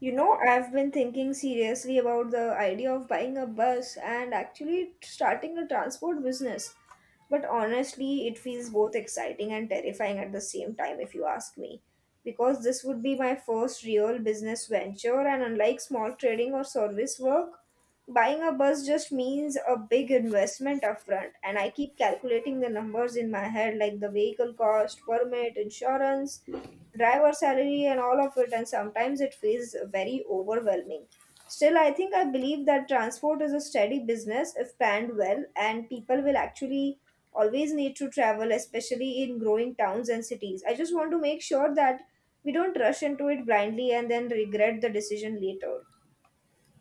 I've been thinking seriously about the idea of buying a bus and actually starting a transport business. But honestly, it feels both exciting and terrifying at the same time, if you ask me. Because this would be my first real business venture, and unlike small trading or service work, buying a bus just means a big investment upfront. And I keep calculating the numbers in my head, like the vehicle cost, permit, insurance, driver salary, and all of it. And sometimes it feels very overwhelming. Still, I believe that transport is a steady business if planned well, and people will actually always need to travel, especially in growing towns and cities. I just want to make sure that we don't rush into it blindly and then regret the decision later.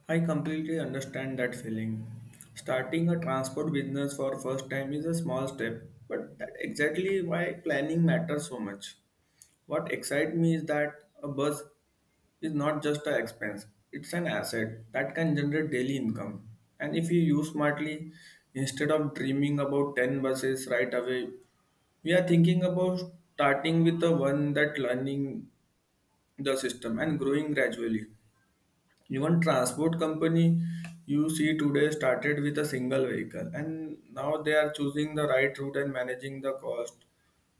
I completely understand that feeling. Starting a transport business for first time is a small step, but that exactly why planning matters so much. What excites me is that a bus is not just an expense, it's an asset that can generate daily income. And if you use smartly, instead of dreaming about 10 buses right away, we are thinking about starting with the one that learning the system and growing gradually. Even transport company you see today started with a single vehicle and now they are choosing the right route and managing the cost.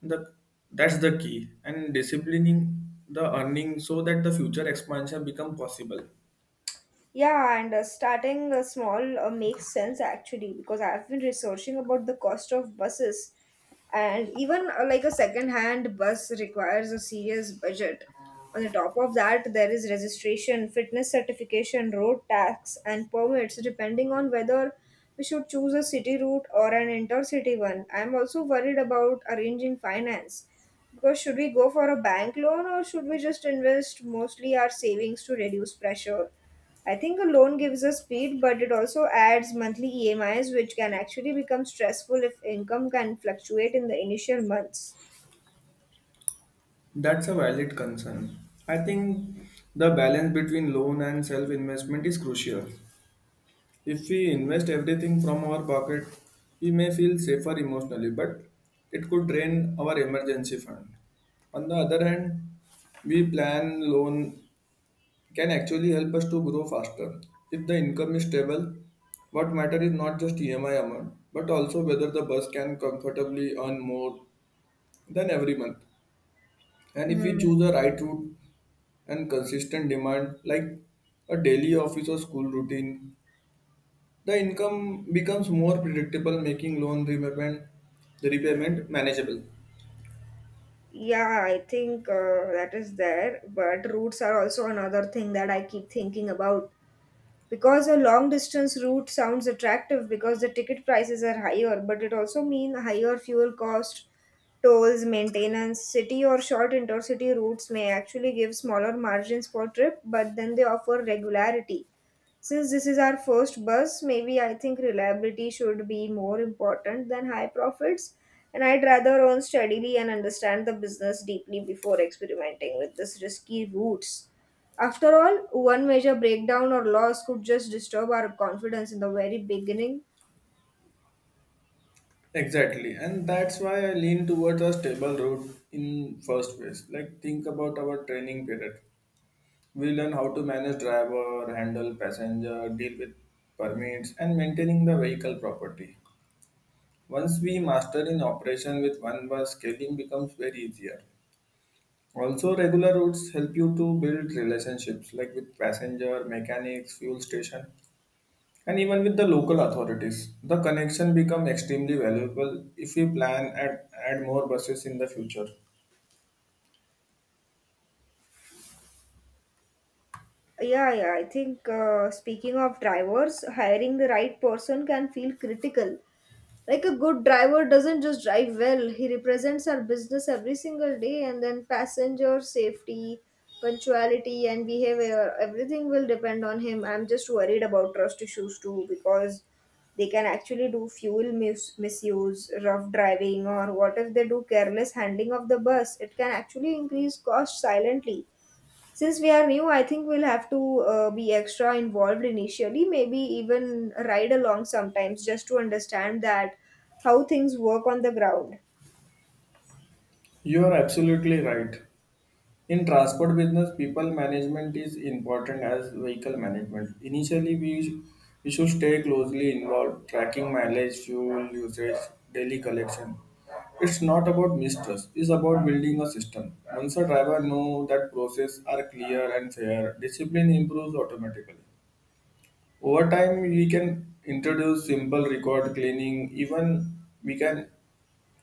The, that's the key and disciplining the earning so that the future expansion become possible. Yeah, and starting small makes sense actually, because I've been researching about the cost of buses, and even like a second-hand bus requires a serious budget. On the top of that, there is registration, fitness certification, road tax, and permits depending on whether we should choose a city route or an intercity one. I'm also worried about arranging finance, because should we go for a bank loan or should we just invest mostly our savings to reduce pressure? I think a loan gives us speed, but it also adds monthly EMIs, which can actually become stressful if income can fluctuate in the initial months. That's a valid concern. I think the balance between loan and self investment is crucial. If we invest everything from our pocket, we may feel safer emotionally, but it could drain our emergency fund. On the other hand, we plan loan can actually help us to grow faster. If the income is stable, what matter is not just EMI amount, but also whether the bus can comfortably earn more than every month. And if we Hmm. choose a right route and consistent demand like a daily office or school routine, the income becomes more predictable, making loan repayment the repayment manageable. Yeah, I think that is there, but routes are also another thing that I keep thinking about, because a long distance route sounds attractive because the ticket prices are higher, but it also means higher fuel cost, tolls, maintenance. City or short intercity routes may actually give smaller margins per trip, but then they offer regularity. Since this is our first bus, maybe I think reliability should be more important than high profits. And I'd rather earn steadily and understand the business deeply before experimenting with this risky routes. After all, one major breakdown or loss could just disturb our confidence in the very beginning. Exactly, and that's why I lean towards a stable route in first place. Like think about our training period. We learn how to manage driver, handle passenger, deal with permits, and maintaining the vehicle property. Once we master in operation with one bus, scaling becomes very easier. Also, regular routes help you to build relationships like with passenger, mechanics, fuel station, and even with the local authorities, the connection become extremely valuable if we plan and add more buses in the future. Yeah, yeah, I think speaking of drivers, hiring the right person can feel critical. Like a good driver doesn't just drive well, he represents our business every single day, and then passenger safety, punctuality and behavior, everything will depend on him. I'm just worried about trust issues too, because they can actually do fuel misuse, rough driving, or what if they do careless handling of the bus? It can actually increase cost silently. Since we are new, I think we'll have to be extra involved initially, maybe even ride along sometimes just to understand that how things work on the ground. You are absolutely right. In transport business, people management is important as vehicle management. Initially, we should stay closely involved, tracking mileage, fuel usage, daily collection. It's not about mistrust, it's about building a system. Once a driver knows that process are clear and fair, discipline improves automatically. Over time, we can introduce simple record cleaning, even we can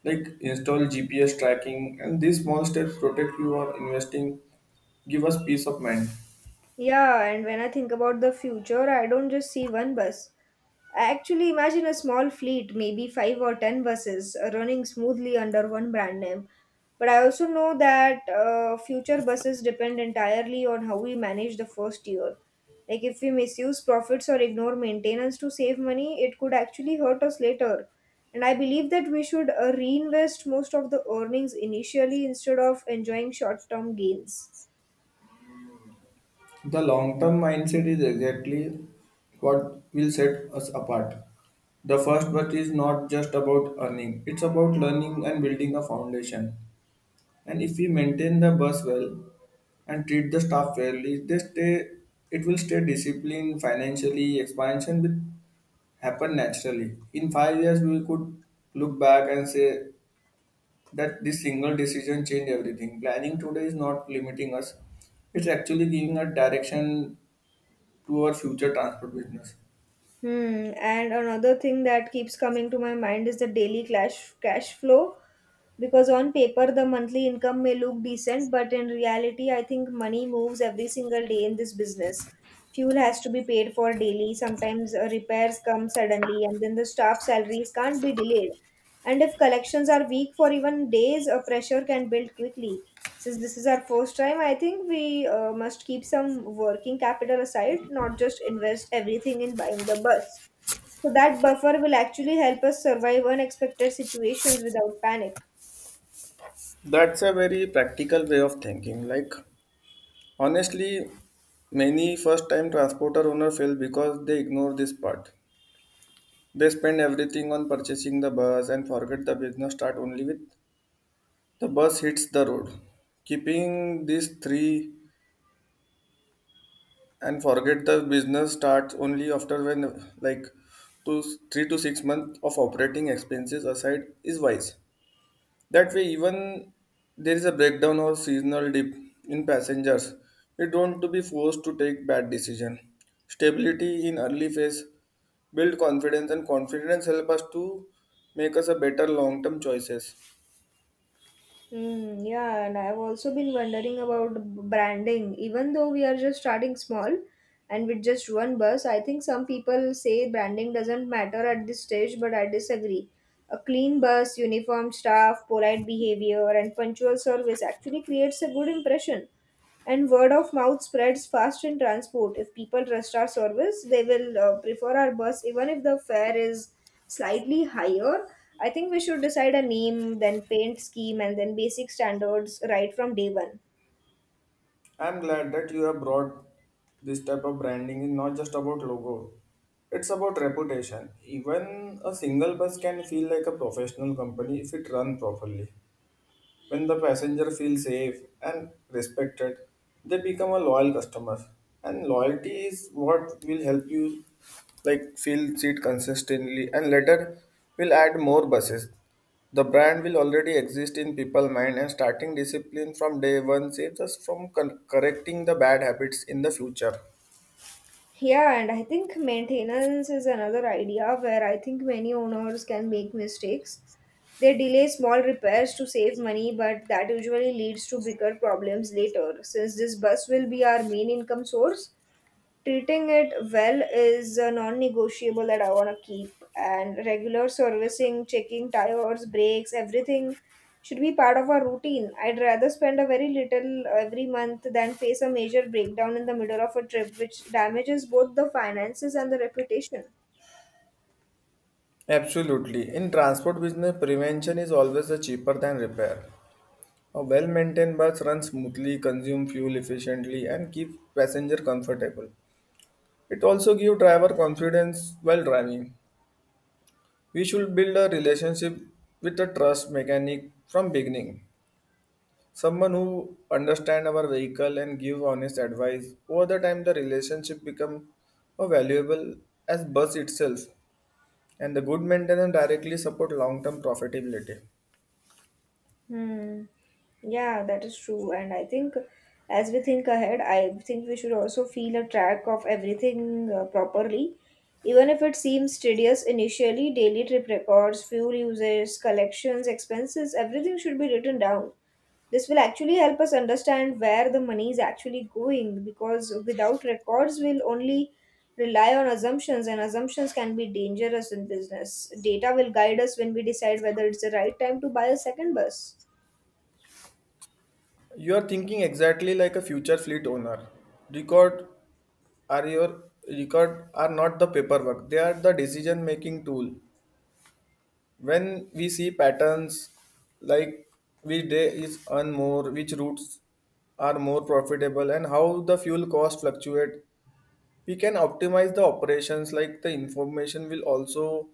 like install GPS tracking, and these small steps protect you on investing, give us peace of mind. Yeah, and when I think about the future, I don't just see one bus. I actually imagine a small fleet, maybe 5 or 10 buses, running smoothly under one brand name. But I also know that future buses depend entirely on how we manage the first year. Like, if we misuse profits or ignore maintenance to save money, it could actually hurt us later. And I believe that we should reinvest most of the earnings initially instead of enjoying short term gains. The long term mindset is exactly what will set us apart. The first but is not just about earning, it's about learning and building a foundation. And if we maintain the bus well and treat the staff fairly, they stay it will stay disciplined financially, expansion will happen naturally. In 5 years we could look back and say that this single decision changed everything. Planning today is not limiting us. It's actually giving a direction to our future transport business. Hmm. And another thing that keeps coming to my mind is the daily cash flow, because on paper the monthly income may look decent, but in reality, I think money moves every single day in this business. Fuel has to be paid for daily. Sometimes repairs come suddenly, and then the staff salaries can't be delayed. And if collections are weak for even days, a pressure can build quickly. Since this is our first time, I think we must keep some working capital aside, not just invest everything in buying the bus. So that buffer will actually help us survive unexpected situations without panic. That's a very practical way of thinking. Like, honestly, many first time transporter owner fail because they ignore this part. They spend everything on purchasing the bus and forget the business start only with the bus hits the road. Keeping these three and forget the business starts only after when, like, two, 3 to 6 months of operating expenses aside is wise. That way, even there is a breakdown or seasonal dip in passengers, we don't to be forced to take bad decision. Stability in early phase build confidence and confidence help us to make us a better long-term choices. Yeah, and I've also been wondering about branding. Even though we are just starting small and with just one bus, I think some people say branding doesn't matter at this stage, but I disagree. A clean bus, uniform staff, polite behavior, and punctual service actually creates a good impression. And word of mouth spreads fast in transport. If people trust our service, they will prefer our bus even if the fare is slightly higher. I think we should decide a name, then paint scheme, and then basic standards right from day one. I'm glad that you have brought this type of branding is not just about logo. It's about reputation. Even a single bus can feel like a professional company if it run properly. When the passenger feels safe and respected, they become a loyal customer. And loyalty is what will help you like fill seat consistently and later will add more buses. The brand will already exist in people mind and starting discipline from day one saves us from correcting the bad habits in the future. Yeah, and I think maintenance is another idea where I think many owners can make mistakes. They delay small repairs to save money, but that usually leads to bigger problems later. Since this bus will be our main income source, treating it well is a non negotiable that I want to keep, and regular servicing, checking tires, brakes, everything should be part of our routine. I'd rather spend a very little every month than face a major breakdown in the middle of a trip, which damages both the finances and the reputation. Absolutely. In transport business, prevention is always a cheaper than repair. A well-maintained bus runs smoothly, consumes fuel efficiently, and keeps passenger comfortable. It also gives driver confidence while driving. We should build a relationship with a trust mechanic from beginning. Someone who understands our vehicle and give honest advice. Over the time, the relationship becomes valuable as bus itself, and the good maintenance directly support long-term profitability. Hmm. Yeah, that is true. And I think as we think ahead, I think we should also feel a track of everything properly. Even if it seems tedious initially, daily trip records, fuel uses, collections, expenses, everything should be written down. This will actually help us understand where the money is actually going, because without records, we'll only rely on assumptions, and assumptions can be dangerous in business. Data will guide us when we decide whether it's the right time to buy a second bus. You are thinking exactly like a future fleet owner. Record are your record are not the paperwork, they are the decision making tool. When we see patterns like which day is earn more, which routes are more profitable, and how the fuel cost fluctuate, we can optimize the operations. Like the information will also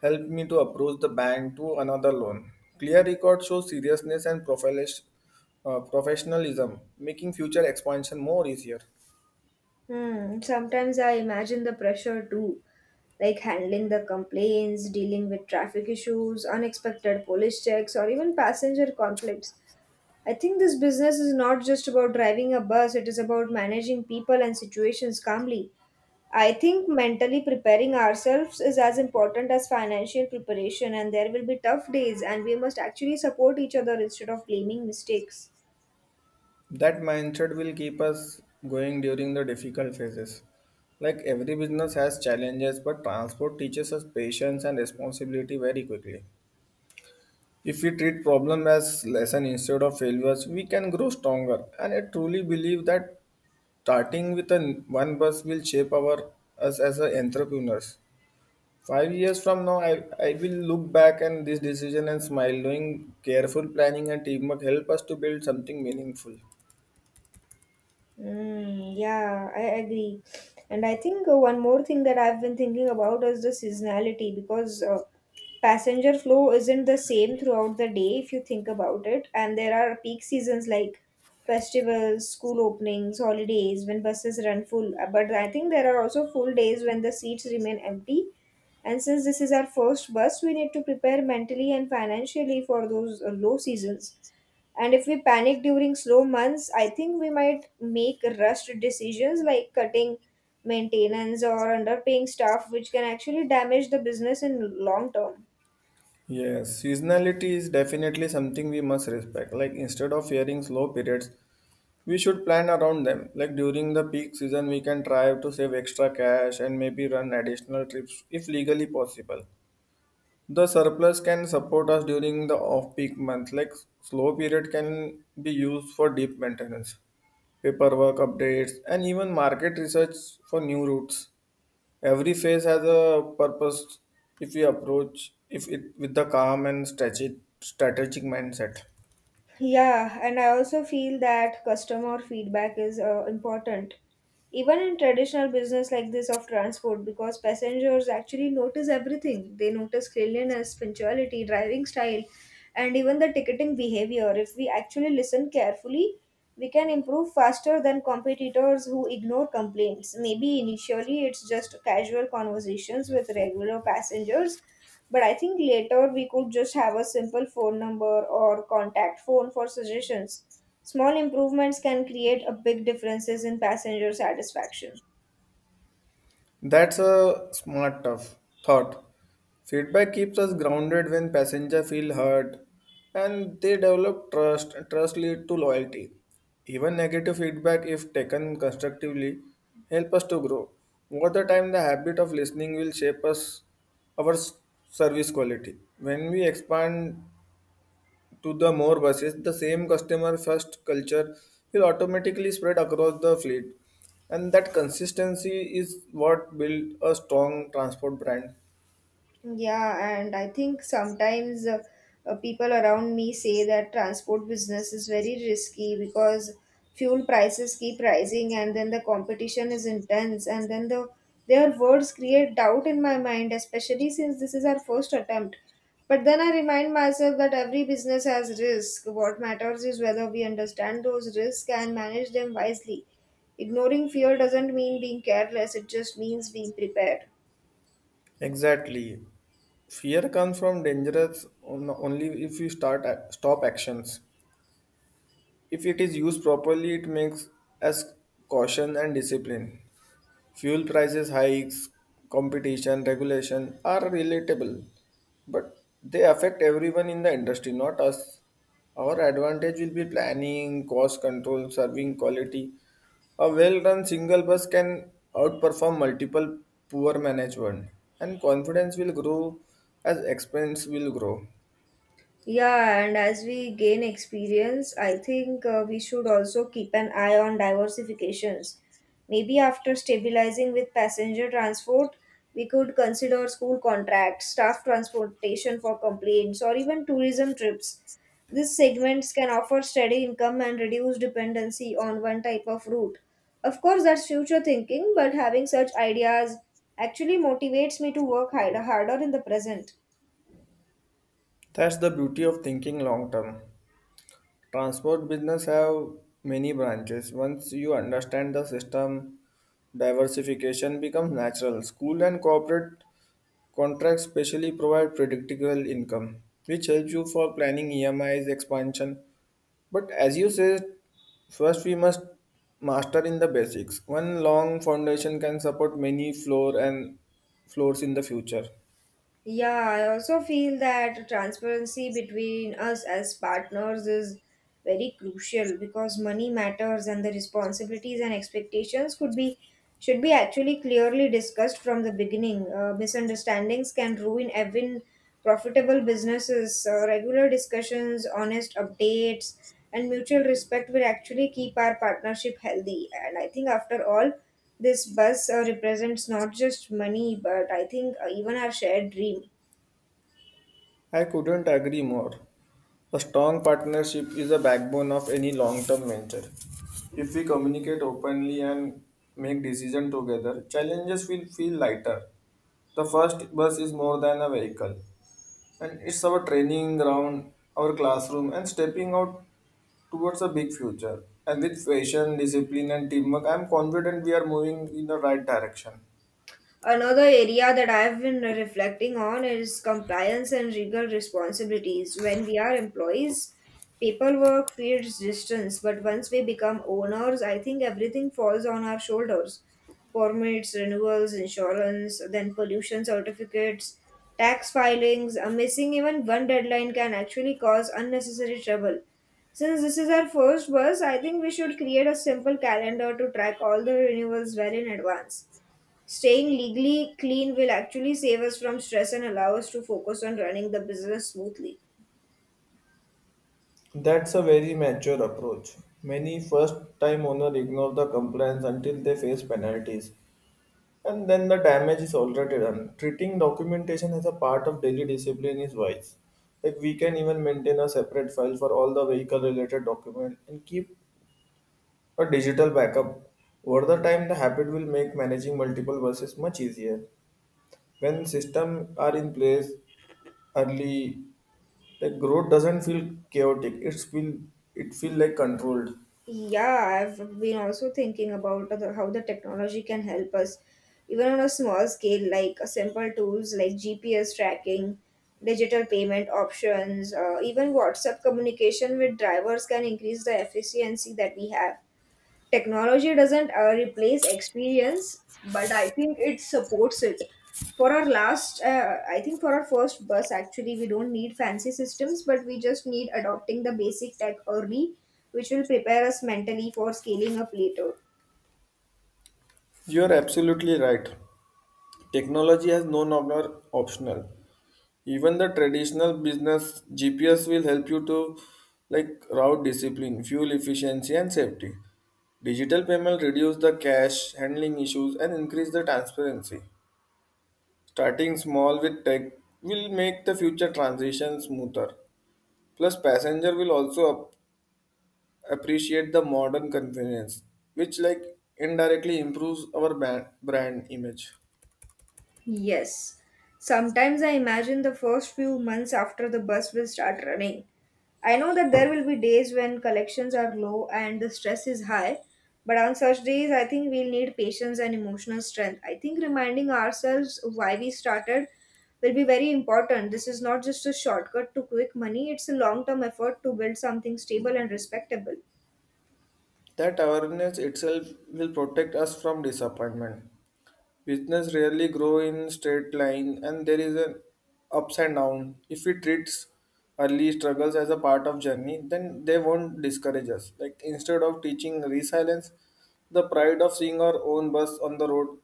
help me to approach the bank to another loan. Clear record shows seriousness and professionalism, making future expansion more easier. Hmm. Sometimes I imagine the pressure too, like handling the complaints, dealing with traffic issues, unexpected police checks, or even passenger conflicts. I think this business is not just about driving a bus, it is about managing people and situations calmly. I think mentally preparing ourselves is as important as financial preparation, and there will be tough days, and we must actually support each other instead of blaming mistakes. That mindset will keep us going during the difficult phases. Like every business has challenges, but transport teaches us patience and responsibility very quickly. If we treat problem as lesson instead of failures, we can grow stronger. And I truly believe that starting with a one bus will shape our us as a entrepreneurs. 5 years from now, I will look back and this decision and smile. Doing careful planning and teamwork help us to build something meaningful. Yeah, I agree. And I think one more thing that I've been thinking about is the seasonality, because passenger flow isn't the same throughout the day if you think about it. And there are peak seasons like festivals, school openings, holidays when buses run full. But I think there are also full days when the seats remain empty. And since this is our first bus, we need to prepare mentally and financially for those low seasons. And if we panic during slow months, I think we might make rushed decisions like cutting maintenance or underpaying staff, which can actually damage the business in long term. Yes, seasonality is definitely something we must respect. Like instead of fearing slow periods, we should plan around them. Like during the peak season, we can try to save extra cash and maybe run additional trips if legally possible. The surplus can support us during the off-peak months. Like slow period can be used for deep maintenance, paperwork updates, and even market research for new routes. Every phase has a purpose if you approach if it with the calm and strategic mindset. Yeah, and I also feel that customer feedback is important, even in traditional business like this of transport, because passengers actually notice everything. They notice cleanliness, punctuality, driving style, and even the ticketing behavior. If we actually listen carefully, we can improve faster than competitors who ignore complaints. Maybe initially it's just casual conversations with regular passengers, but I think later we could just have a simple phone number or contact phone for suggestions. Small improvements can create a big differences in passenger satisfaction. That's a smart tough thought. Feedback keeps us grounded when passenger feel hurt and they develop trust and trust lead to loyalty. Even negative feedback if taken constructively help us to grow. Over the time the habit of listening will shape us our service quality. When we expand to the more buses, the same customer first culture will automatically spread across the fleet. And that consistency is what built a strong transport brand. Yeah, and I think sometimes people around me say that transport business is very risky because fuel prices keep rising, and then the competition is intense, and then the their words create doubt in my mind, especially since this is our first attempt. But then I remind myself that every business has risk. What matters is whether we understand those risks and manage them wisely. Ignoring fear doesn't mean being careless, it just means being prepared. Exactly. Fear comes from dangerous only if you start stop actions. If it is used properly, it makes us caution and discipline. Fuel prices hikes, competition, regulation are relatable, but they affect everyone in the industry, not us. Our advantage will be planning, cost control, serving quality. A well-run single bus can outperform multiple poor managed one, and confidence will grow as expense will grow. Yeah, and as we gain experience, I think we should also keep an eye on diversifications. Maybe after stabilizing with passenger transport, we could consider school contracts, staff transportation for complaints, or even tourism trips. These segments can offer steady income and reduce dependency on one type of route. Of course, that's future thinking, but having such ideas actually motivates me to work harder in the present. That's the beauty of thinking long term. Transport business have many branches. Once you understand the system, diversification becomes natural. School and corporate contracts specially provide predictable income, which helps you for planning EMIs expansion. But as you said, first we must master in the basics. One long foundation can support many floors in the future. Yeah, I also feel that transparency between us as partners is very crucial, because money matters and the responsibilities and expectations could be should be actually clearly discussed from the beginning. Misunderstandings can ruin even profitable businesses. Regular discussions, honest updates, and mutual respect will actually keep our partnership healthy. And I think, after all, this bus represents not just money, but I think even our shared dream. I couldn't agree more. A strong partnership is the backbone of any long-term venture. If we communicate openly and make decisions together, challenges will feel lighter. The first bus is more than a vehicle, and it's our training ground, our classroom, and stepping out towards a big future. And with passion, discipline, and teamwork, I'm confident we are moving in the right direction. Another area that I've been reflecting on is compliance and legal responsibilities. When we are employees, paperwork feels distance, but once we become owners, I think everything falls on our shoulders. Permits, renewals, insurance, then pollution certificates, tax filings, missing even one deadline can actually cause unnecessary trouble. Since this is our first bus, I think we should create a simple calendar to track all the renewals well in advance. Staying legally clean will actually save us from stress and allow us to focus on running the business smoothly. That's a very mature approach. Many first time owners ignore the compliance until they face penalties and then the damage is already done. Treating documentation as a part of daily discipline is wise. Like we can even maintain a separate file for all the vehicle related document and keep a digital backup. Over the time the habit will make managing multiple buses much easier. When systems are in place early, the growth doesn't feel chaotic. It feel like controlled. Yeah, I've been also thinking about how the technology can help us, even on a small scale, like simple tools like GPS tracking, digital payment options, even WhatsApp communication with drivers can increase the efficiency that we have. Technology doesn't replace experience, but I think it supports it. For our last, I think for our first bus, actually, we don't need fancy systems, but we just need adopting the basic tech early, which will prepare us mentally for scaling up later. You are absolutely right. Technology has no longer optional. Even the traditional business GPS will help you to like route discipline, fuel efficiency, and safety. Digital payment reduce the cash handling issues and increase the transparency. Starting small with tech will make the future transition smoother. Plus passenger will also appreciate the modern convenience, which like indirectly improves our brand image. Yes. Sometimes I imagine the first few months after the bus will start running. I know that there will be days when collections are low and the stress is high, but on such days, I think we'll need patience and emotional strength. I think reminding ourselves why we started will be very important. This is not just a shortcut to quick money, it's a long term effort to build something stable and respectable. That awareness itself will protect us from disappointment. Business rarely grow in straight line and there is an ups and down. If we treats early struggles as a part of journey, then they won't discourage us. Like instead of teaching resilience, the pride of seeing our own bus on the road,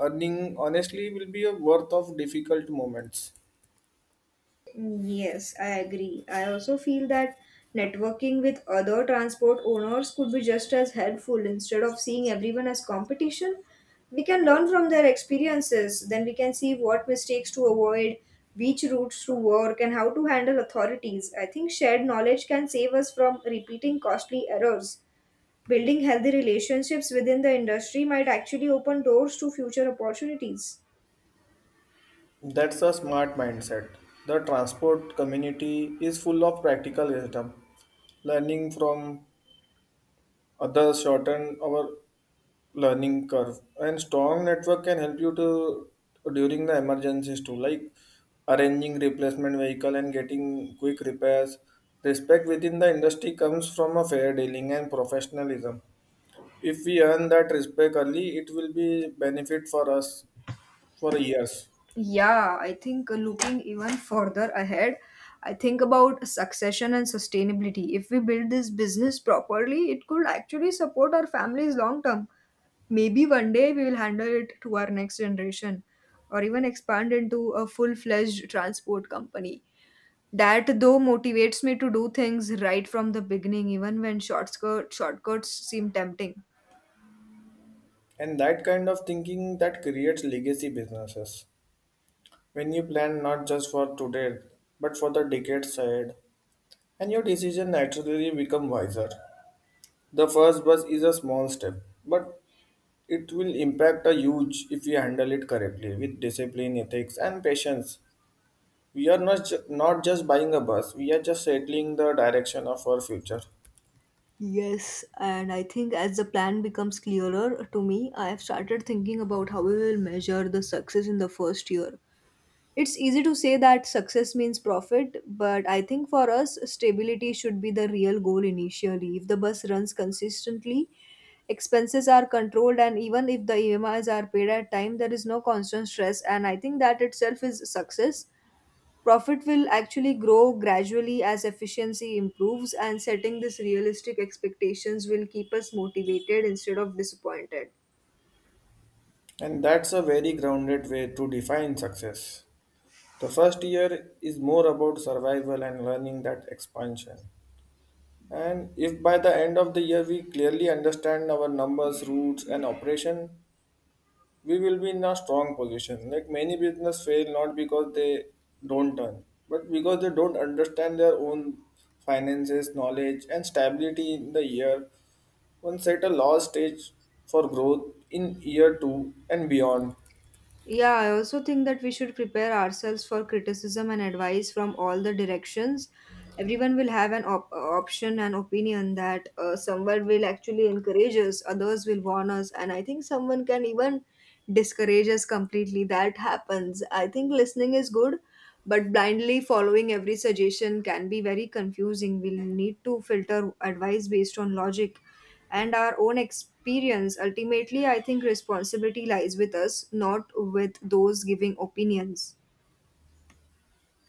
earning honestly will be a worth of difficult moments. Yes, I agree. I also feel that networking with other transport owners could be just as helpful instead of seeing everyone as competition. We can learn from their experiences, then we can see what mistakes to avoid, which routes to work, and how to handle authorities. I think shared knowledge can save us from repeating costly errors. Building healthy relationships within the industry might actually open doors to future opportunities. That's a smart mindset. The transport community is full of practical wisdom. Learning from others shorten our learning curve, and strong network can help you to during the emergencies too, like arranging replacement vehicle and getting quick repairs. Respect within the industry comes from a fair dealing and professionalism. If we earn that respect early, it will be benefit for us for years. Yeah, I think looking even further ahead, I think about succession and sustainability. If we build this business properly, it could actually support our families long term. Maybe one day we will handle it to our next generation or even expand into a full fledged transport company. That though motivates me to do things right from the beginning, even when shortcuts seem tempting. And that kind of thinking that creates legacy businesses. When you plan not just for today but for the decades ahead, and your decision naturally become wiser. The first bus is a small step, but it will impact a huge if we handle it correctly with discipline, ethics, and patience. We are not just buying a bus, we are just settling the direction of our future. Yes, and I think as the plan becomes clearer to me, I have started thinking about how we will measure the success in the first year. It's easy to say that success means profit, but I think for us, stability should be the real goal initially. If the bus runs consistently, expenses are controlled, and even if the EMIs are paid at time, there is no constant stress. And I think that itself is success. Profit will actually grow gradually as efficiency improves, and setting these realistic expectations will keep us motivated instead of disappointed. And that's a very grounded way to define success. The first year is more about survival and learning that expansion. And if by the end of the year we clearly understand our numbers, routes, and operation, we will be in a strong position. Like many business fail not because they don't earn, but because they don't understand their own finances, knowledge, and stability in the year. One set a low stage for growth in year two and beyond. Yeah, I also think that we should prepare ourselves for criticism and advice from all the directions. Everyone will have an option and opinion that someone will actually encourage us, others will warn us, and I think someone can even discourage us completely. That happens. I think listening is good, but blindly following every suggestion can be very confusing. We'll need to filter advice based on logic and our own experience. Ultimately, I think responsibility lies with us, not with those giving opinions.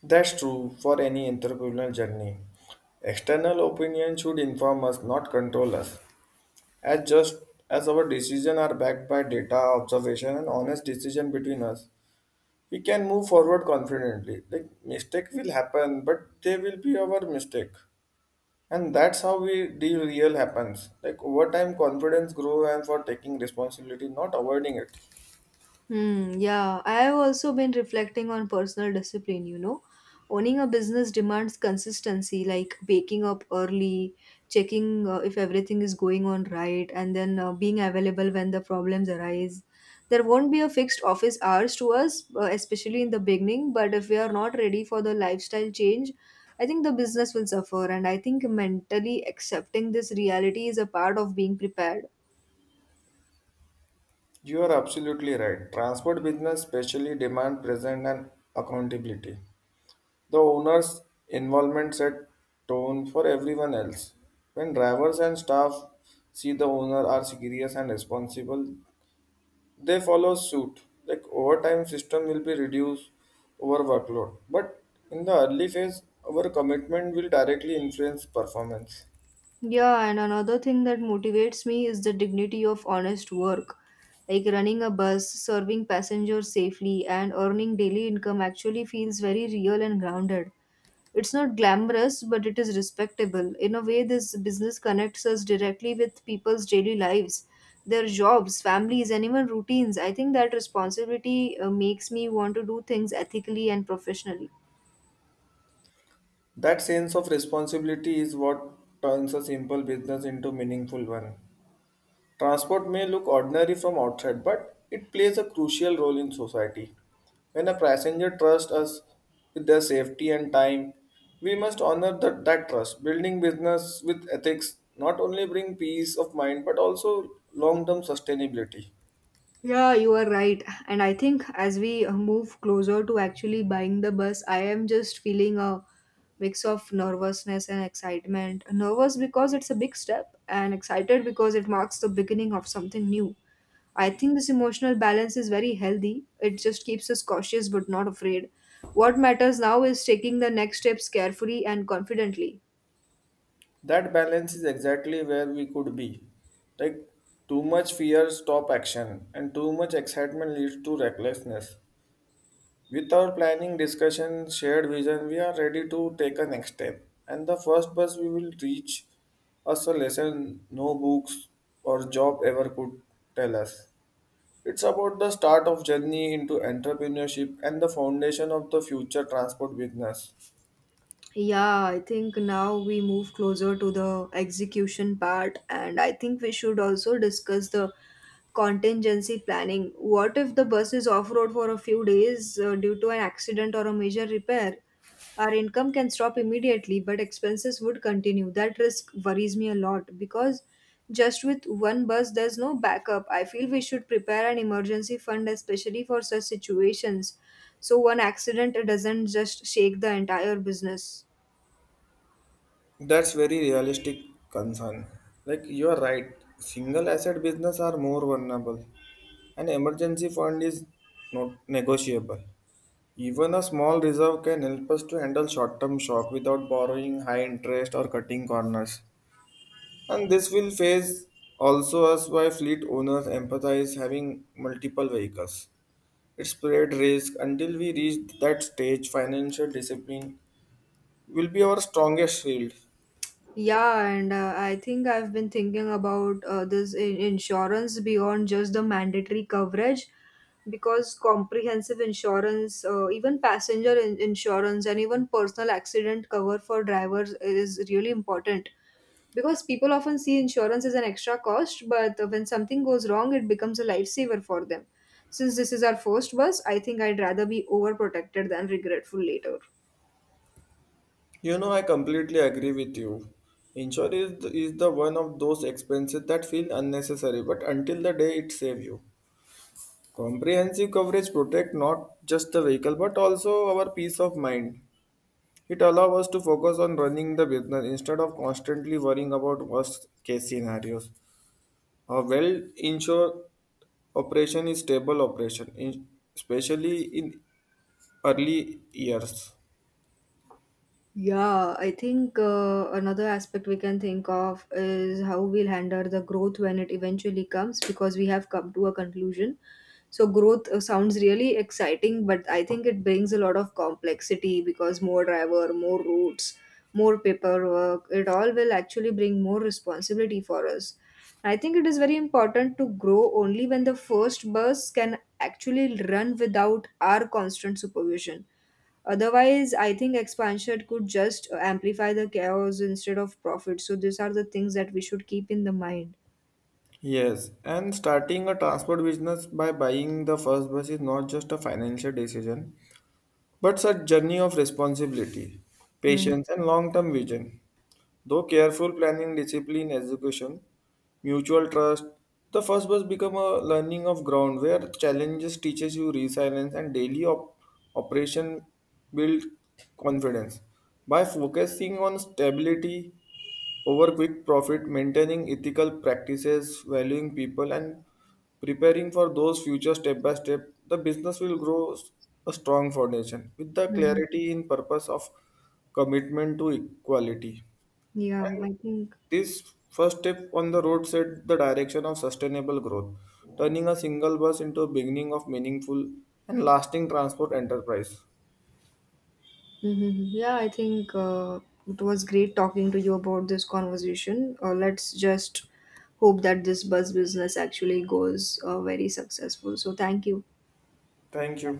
That's true for any entrepreneurial journey. External opinion should inform us, not control us. As just as our decisions are backed by data, observation, and honest decision between us, we can move forward confidently. Like mistake will happen, but they will be our mistake. And that's how we deal real happens. Like over time confidence grow and for taking responsibility, not avoiding it. Hmm, yeah, I have also been reflecting on personal discipline, you know. Owning a business demands consistency, like waking up early, checking if everything is going on right, and then being available when the problems arise. There won't be a fixed office hours to us, especially in the beginning, but if we are not ready for the lifestyle change, I think the business will suffer. And I think mentally accepting this reality is a part of being prepared. You are absolutely right. Transport business especially demand present and accountability. The owner's involvement set tone for everyone else. When drivers and staff see the owner are serious and responsible, they follow suit. Like overtime system will be reduced over workload. But in the early phase, our commitment will directly influence performance. Yeah, and another thing that motivates me is the dignity of honest work. Like running a bus, serving passengers safely, and earning daily income actually feels very real and grounded. It's not glamorous, but it is respectable. In a way, this business connects us directly with people's daily lives, their jobs, families, and even routines. I think that responsibility makes me want to do things ethically and professionally. That sense of responsibility is what turns a simple business into meaningful one. Transport may look ordinary from outside, but it plays a crucial role in society. When a passenger trusts us with their safety and time, we must honor that trust. Building business with ethics not only bring peace of mind but also long-term sustainability. Yeah, you are right. And I think as we move closer to actually buying the bus, I am just feeling a mix of nervousness and excitement. Nervous because it's a big step, and excited because it marks the beginning of something new. I think this emotional balance is very healthy. It just keeps us cautious but not afraid. What matters now is taking the next steps carefully and confidently. That balance is exactly where we could be. Like too much fear stop action and too much excitement leads to recklessness. With our planning, discussion, shared vision, we are ready to take a next step. And the first bus we will reach us a lesson no books or job ever could tell us. It's about the start of journey into entrepreneurship and the foundation of the future transport business. Yeah, I think now we move closer to the execution part, and I think we should also discuss the contingency planning. What if the bus is off road for a few days due to an accident or a major repair? Our income can stop immediately, but expenses would continue. That risk worries me a lot because just with one bus, there's no backup. I feel we should prepare an emergency fund, especially for such situations, so one accident doesn't just shake the entire business. That's very realistic concern. Like you are right, single asset business are more vulnerable. An emergency fund is not negotiable. Even a small reserve can help us to handle short term shock without borrowing high interest or cutting corners. And this will phase also us why fleet owners empathize having multiple vehicles. It spread risk until we reach that stage, financial discipline will be our strongest shield. Yeah, and I think I've been thinking about insurance beyond just the mandatory coverage because comprehensive insurance, even passenger insurance, and even personal accident cover for drivers is really important. Because people often see insurance as an extra cost, but when something goes wrong, it becomes a lifesaver for them. Since this is our first bus, I think I'd rather be overprotected than regretful later. You know, I completely agree with you. Insurance is the one of those expenses that feel unnecessary, but until the day it saves you. Comprehensive coverage protect not just the vehicle but also our peace of mind. It allows us to focus on running the business instead of constantly worrying about worst case scenarios. A well insured operation is stable operation, especially in early years. Yeah, I think another aspect we can think of is how we'll handle the growth when it eventually comes because we have come to a conclusion. So, growth sounds really exciting, but I think it brings a lot of complexity because more driver, more routes, more paperwork, it all will actually bring more responsibility for us. I think it is very important to grow only when the first bus can actually run without our constant supervision. Otherwise, I think expansion could just amplify the chaos instead of profit. So these are the things that we should keep in the mind. Yes, and starting a transport business by buying the first bus is not just a financial decision, but a journey of responsibility, patience, and long term vision. Though careful planning, discipline, execution, mutual trust, the first bus become a learning of ground where challenges teaches you resilience and daily operation build confidence. By focusing on stability over quick profit, maintaining ethical practices, valuing people and preparing for those future step by step, the business will a strong foundation with the Mm-hmm. clarity in purpose of commitment to equality. Yeah, I think. This first step on the road set the direction of sustainable growth, turning a single bus into a beginning of meaningful and lasting transport enterprise. Mhm. Yeah, I think it was great talking to you about this conversation. Let's just hope that this bus business actually goes very successful. So thank you. Thank you.